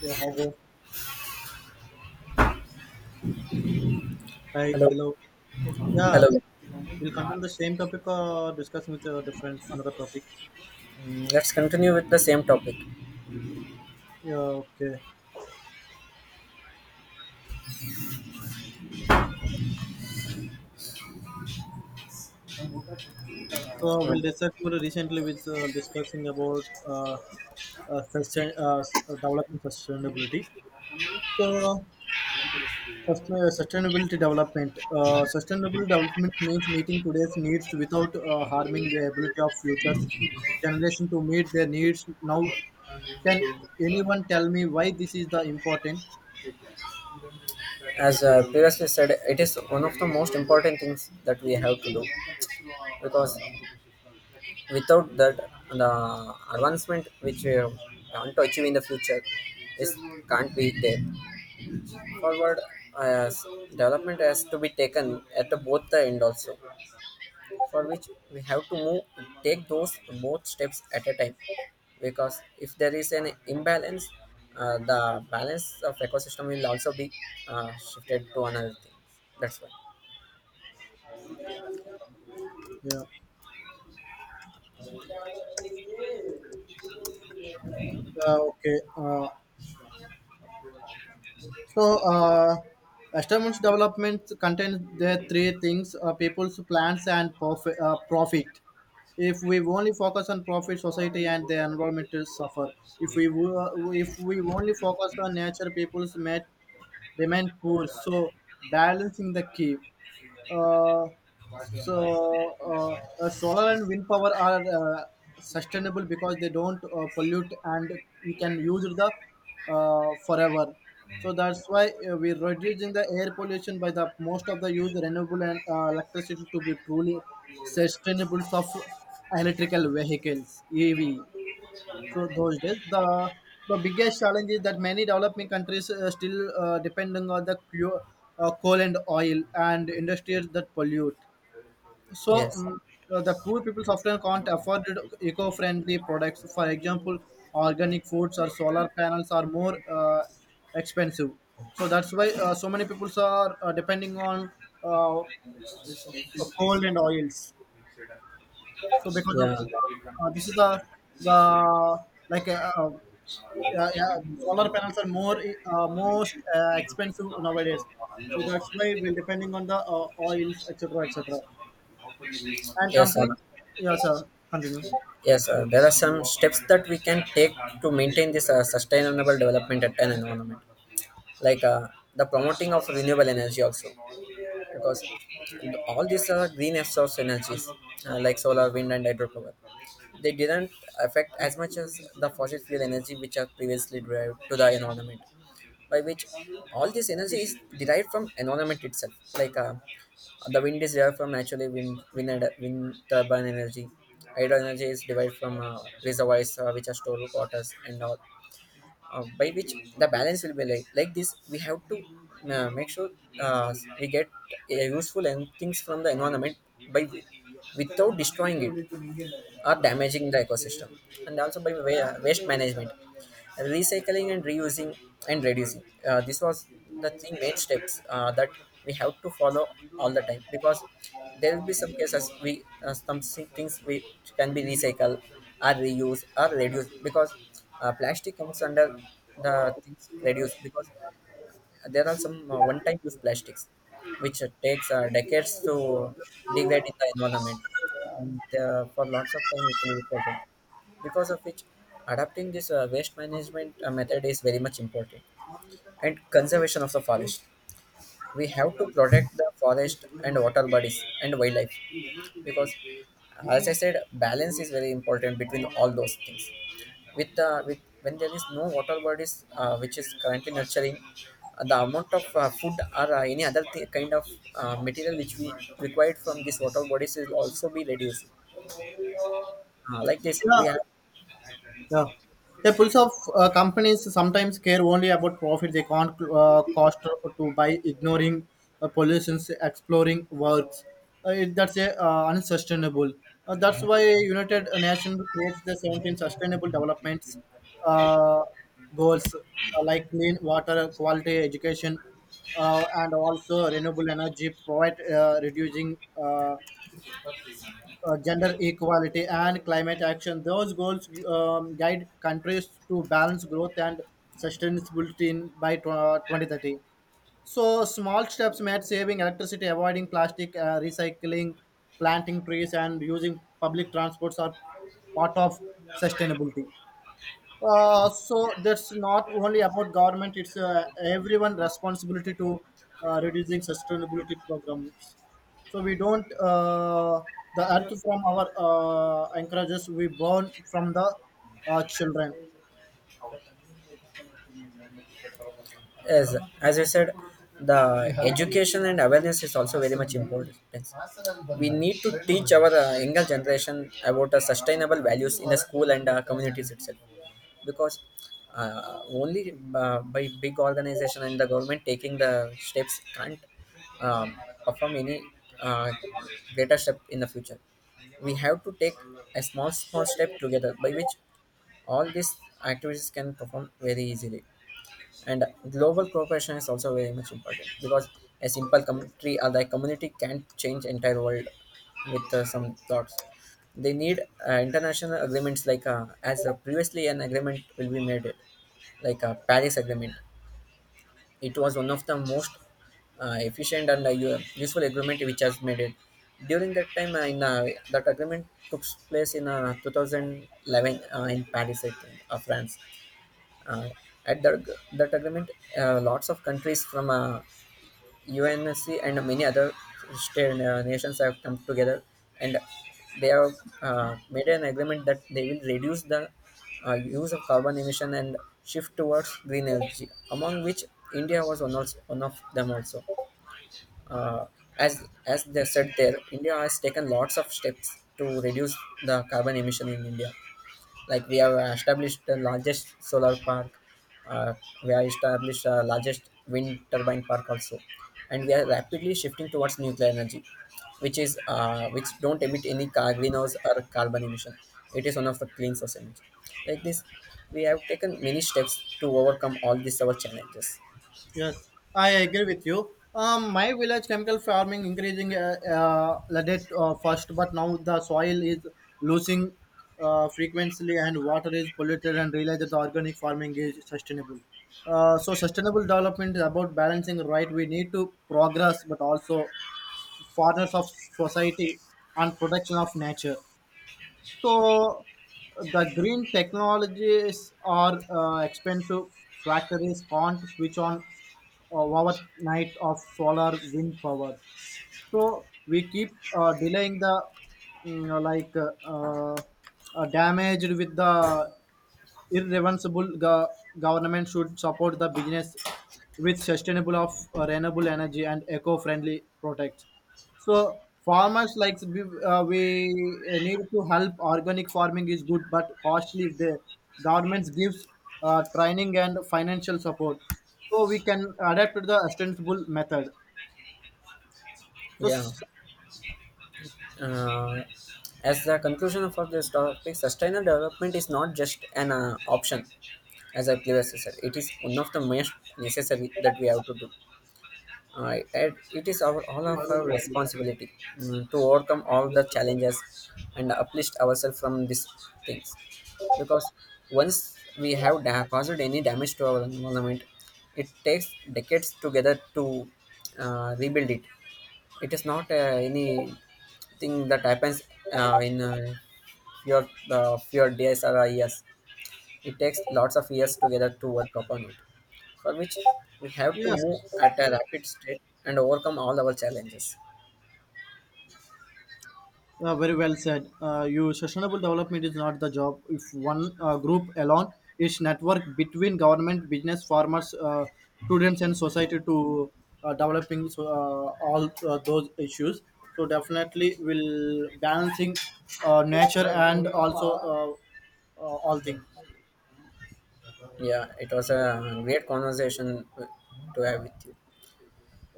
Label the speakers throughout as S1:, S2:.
S1: Yeah, hello. Hi,
S2: Hello,
S1: hello. Yeah,
S2: hello.
S1: we'll continue the same topic or discussing with a different another topic.
S2: Let's continue with the same topic.
S1: Yeah, okay. So we'll
S2: Um,
S1: discuss about recently with discussing about sustain, development sustainability. So first, sustainability development. Sustainable development means meeting today's needs without harming the ability of future generation to meet their needs. Now, can anyone tell me why this is the important?
S2: as previously said, it is one of the most important things that we have to do because without that, the advancement which we want to achieve in the future is can't be there. Forward, uh, development has to be taken at the both the end also, for which we have to move take those both steps at a time because if there is an imbalance, the balance of ecosystem will also be shifted to another thing, that's why.
S1: Yeah. Uh, okay. Uh, so, uh, Established developments contain the three things: people's plans and profit. Profit. If we only focus on profit, society and the environment will suffer. If we only focus on nature, people's may remain poor. So, balancing the key. Uh, Solar and wind power are sustainable because they don't pollute and we can use the forever. So that's why we're reducing the air pollution by the most of the use renewable and electricity to be truly sustainable of electrical vehicles EV. So those days the biggest challenge is that many developing countries still depending on the coal and oil and industries that pollute so
S2: Yes.
S1: the poor people often can't afford eco-friendly products. For example, organic foods or solar panels are more expensive. So that's why so many people are depending on uh, coal and oils. So because of this is the like uh, uh, yeah, yeah, solar panels are more most expensive nowadays. So that's why we're depending on the oils, etc., etc and companies yeah sir continue
S2: Yes, there are some steps that we can take to maintain this sustainable development at an environment, like the promoting of renewable energy also, because all these are green source energies, like solar, wind, and hydropower. They didn't affect as much as the fossil fuel energy which are previously derived to the environment, by which all this energy is derived from environment itself, like. The wind is derived from naturally wind, wind turbine energy. Hydro energy is derived from reservoirs, which are stored waters and all. By which the balance will be like this. We have to make sure uh, we get useful and things from the environment by without destroying it are damaging the ecosystem. And also by waste management, recycling and reusing and reducing. This was the three main steps that we have to follow all the time, because there will be some cases we some things we can be recycled or reused or reduced, because plastic comes under the things reduced, because there are some one-time use plastics which takes decades to degrade in the environment, and for lots of time it will be problem, because of which adapting this waste management method is very much important, and conservation of the forest. We have to protect the forest and water bodies and wildlife, because as I said balance is very important between all those things. With when there is no water bodies, which is currently nurturing the amount of food or any other kind of material which we required from these water bodies will also be reduced. Like this
S1: yeah
S2: we have.
S1: yeah. The pulse of companies sometimes care only about profit they can't cost to buy ignoring pollutions exploring works. That's unsustainable. That's why united nations creates the 17 sustainable developments uh, goals like clean water quality education and also renewable energy provide reducing uh, gender equality and climate action. Those goals guide countries to balance growth and sustainability by 2030. So, small steps made saving electricity, avoiding plastic, recycling, planting trees, and using public transports are part of sustainability. So that's not only about government; it's everyone responsibility to reducing sustainability programs. So we don't the earth from our anchorages; we burn from the children.
S2: As you said, the education and awareness is also very much important. We need to teach our younger generation about sustainable values in the school and communities itself, because only by big organization and the government taking the steps can't um, perform any uh, greater step in the future. We have to take a small step together, by which all these activities can perform very easily. And global cooperation is also very much important, because a simple country or the community can't change entire world with some thoughts. They need international agreements, like as previously an agreement will be made, like a Paris Agreement. It was one of the most efficient and useful agreement which has made it. During that time, in that agreement took place in 2011 in Paris, I think, France. Uh, at that, that agreement, lots of countries from UNSC and many other state, nations have come together, and they have made an agreement that they will reduce the use of carbon emission and shift towards green energy, among which India was one, also, one of them also. Uh, as they said there, India has taken lots of steps to reduce the carbon emission in India. Like we have established the largest solar park, uh, we have established the largest wind turbine park also, and we are rapidly shifting towards nuclear energy, which is which don't emit any car greenhouse or carbon emission. It is one of the clean source energy. Like this we have taken many steps to overcome all these our challenges.
S1: Yes, I agree with you. My village chemical farming increasing leaded first, but now the soil is losing frequency and water is polluted and realize that the organic farming is sustainable. So sustainable development is about balancing right. We need to progress, but also fathers of society and protection of nature. So the green technologies are expensive. Factories can't switch on overnight of solar wind power. So we keep delaying the mm, like uh, uh, damaged with the irreversible government should support the business with sustainable of renewable energy and eco-friendly products. So farmers like we, we need to help. Organic farming is good but costly. If the governments gives training and financial support, so we can adapt to the sustainable method. So
S2: Yeah,
S1: s-
S2: uh, as the conclusion of our this topic, sustainable development is not just an option, as a clever sister. It is one of the most necessary that we have to do. And it is our all of our responsibility, to overcome all the challenges and uplift ourselves from these things. Because once we have caused any damage to our environment, it takes decades together to rebuild it. It is not any thing that happens in your few days or years. It takes lots of years together to work upon it, for which we have to
S1: yes.
S2: move at a rapid state and overcome all our challenges.
S1: Very well said. You sustainable development is not the job. If one group alone, its network between government, business, farmers, students, and society to developing so, all those issues. So definitely, will balancing nature and also all things.
S2: Yeah, it was a great conversation to have with you.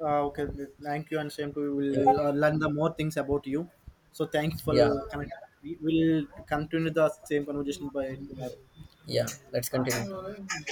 S1: Okay, thank you, and same to you.
S2: Yeah,
S1: We'll learn the more things about you. So thanks for
S2: yeah.
S1: connect. We will continue the same conversation by tomorrow.
S2: Yeah. Let's continue.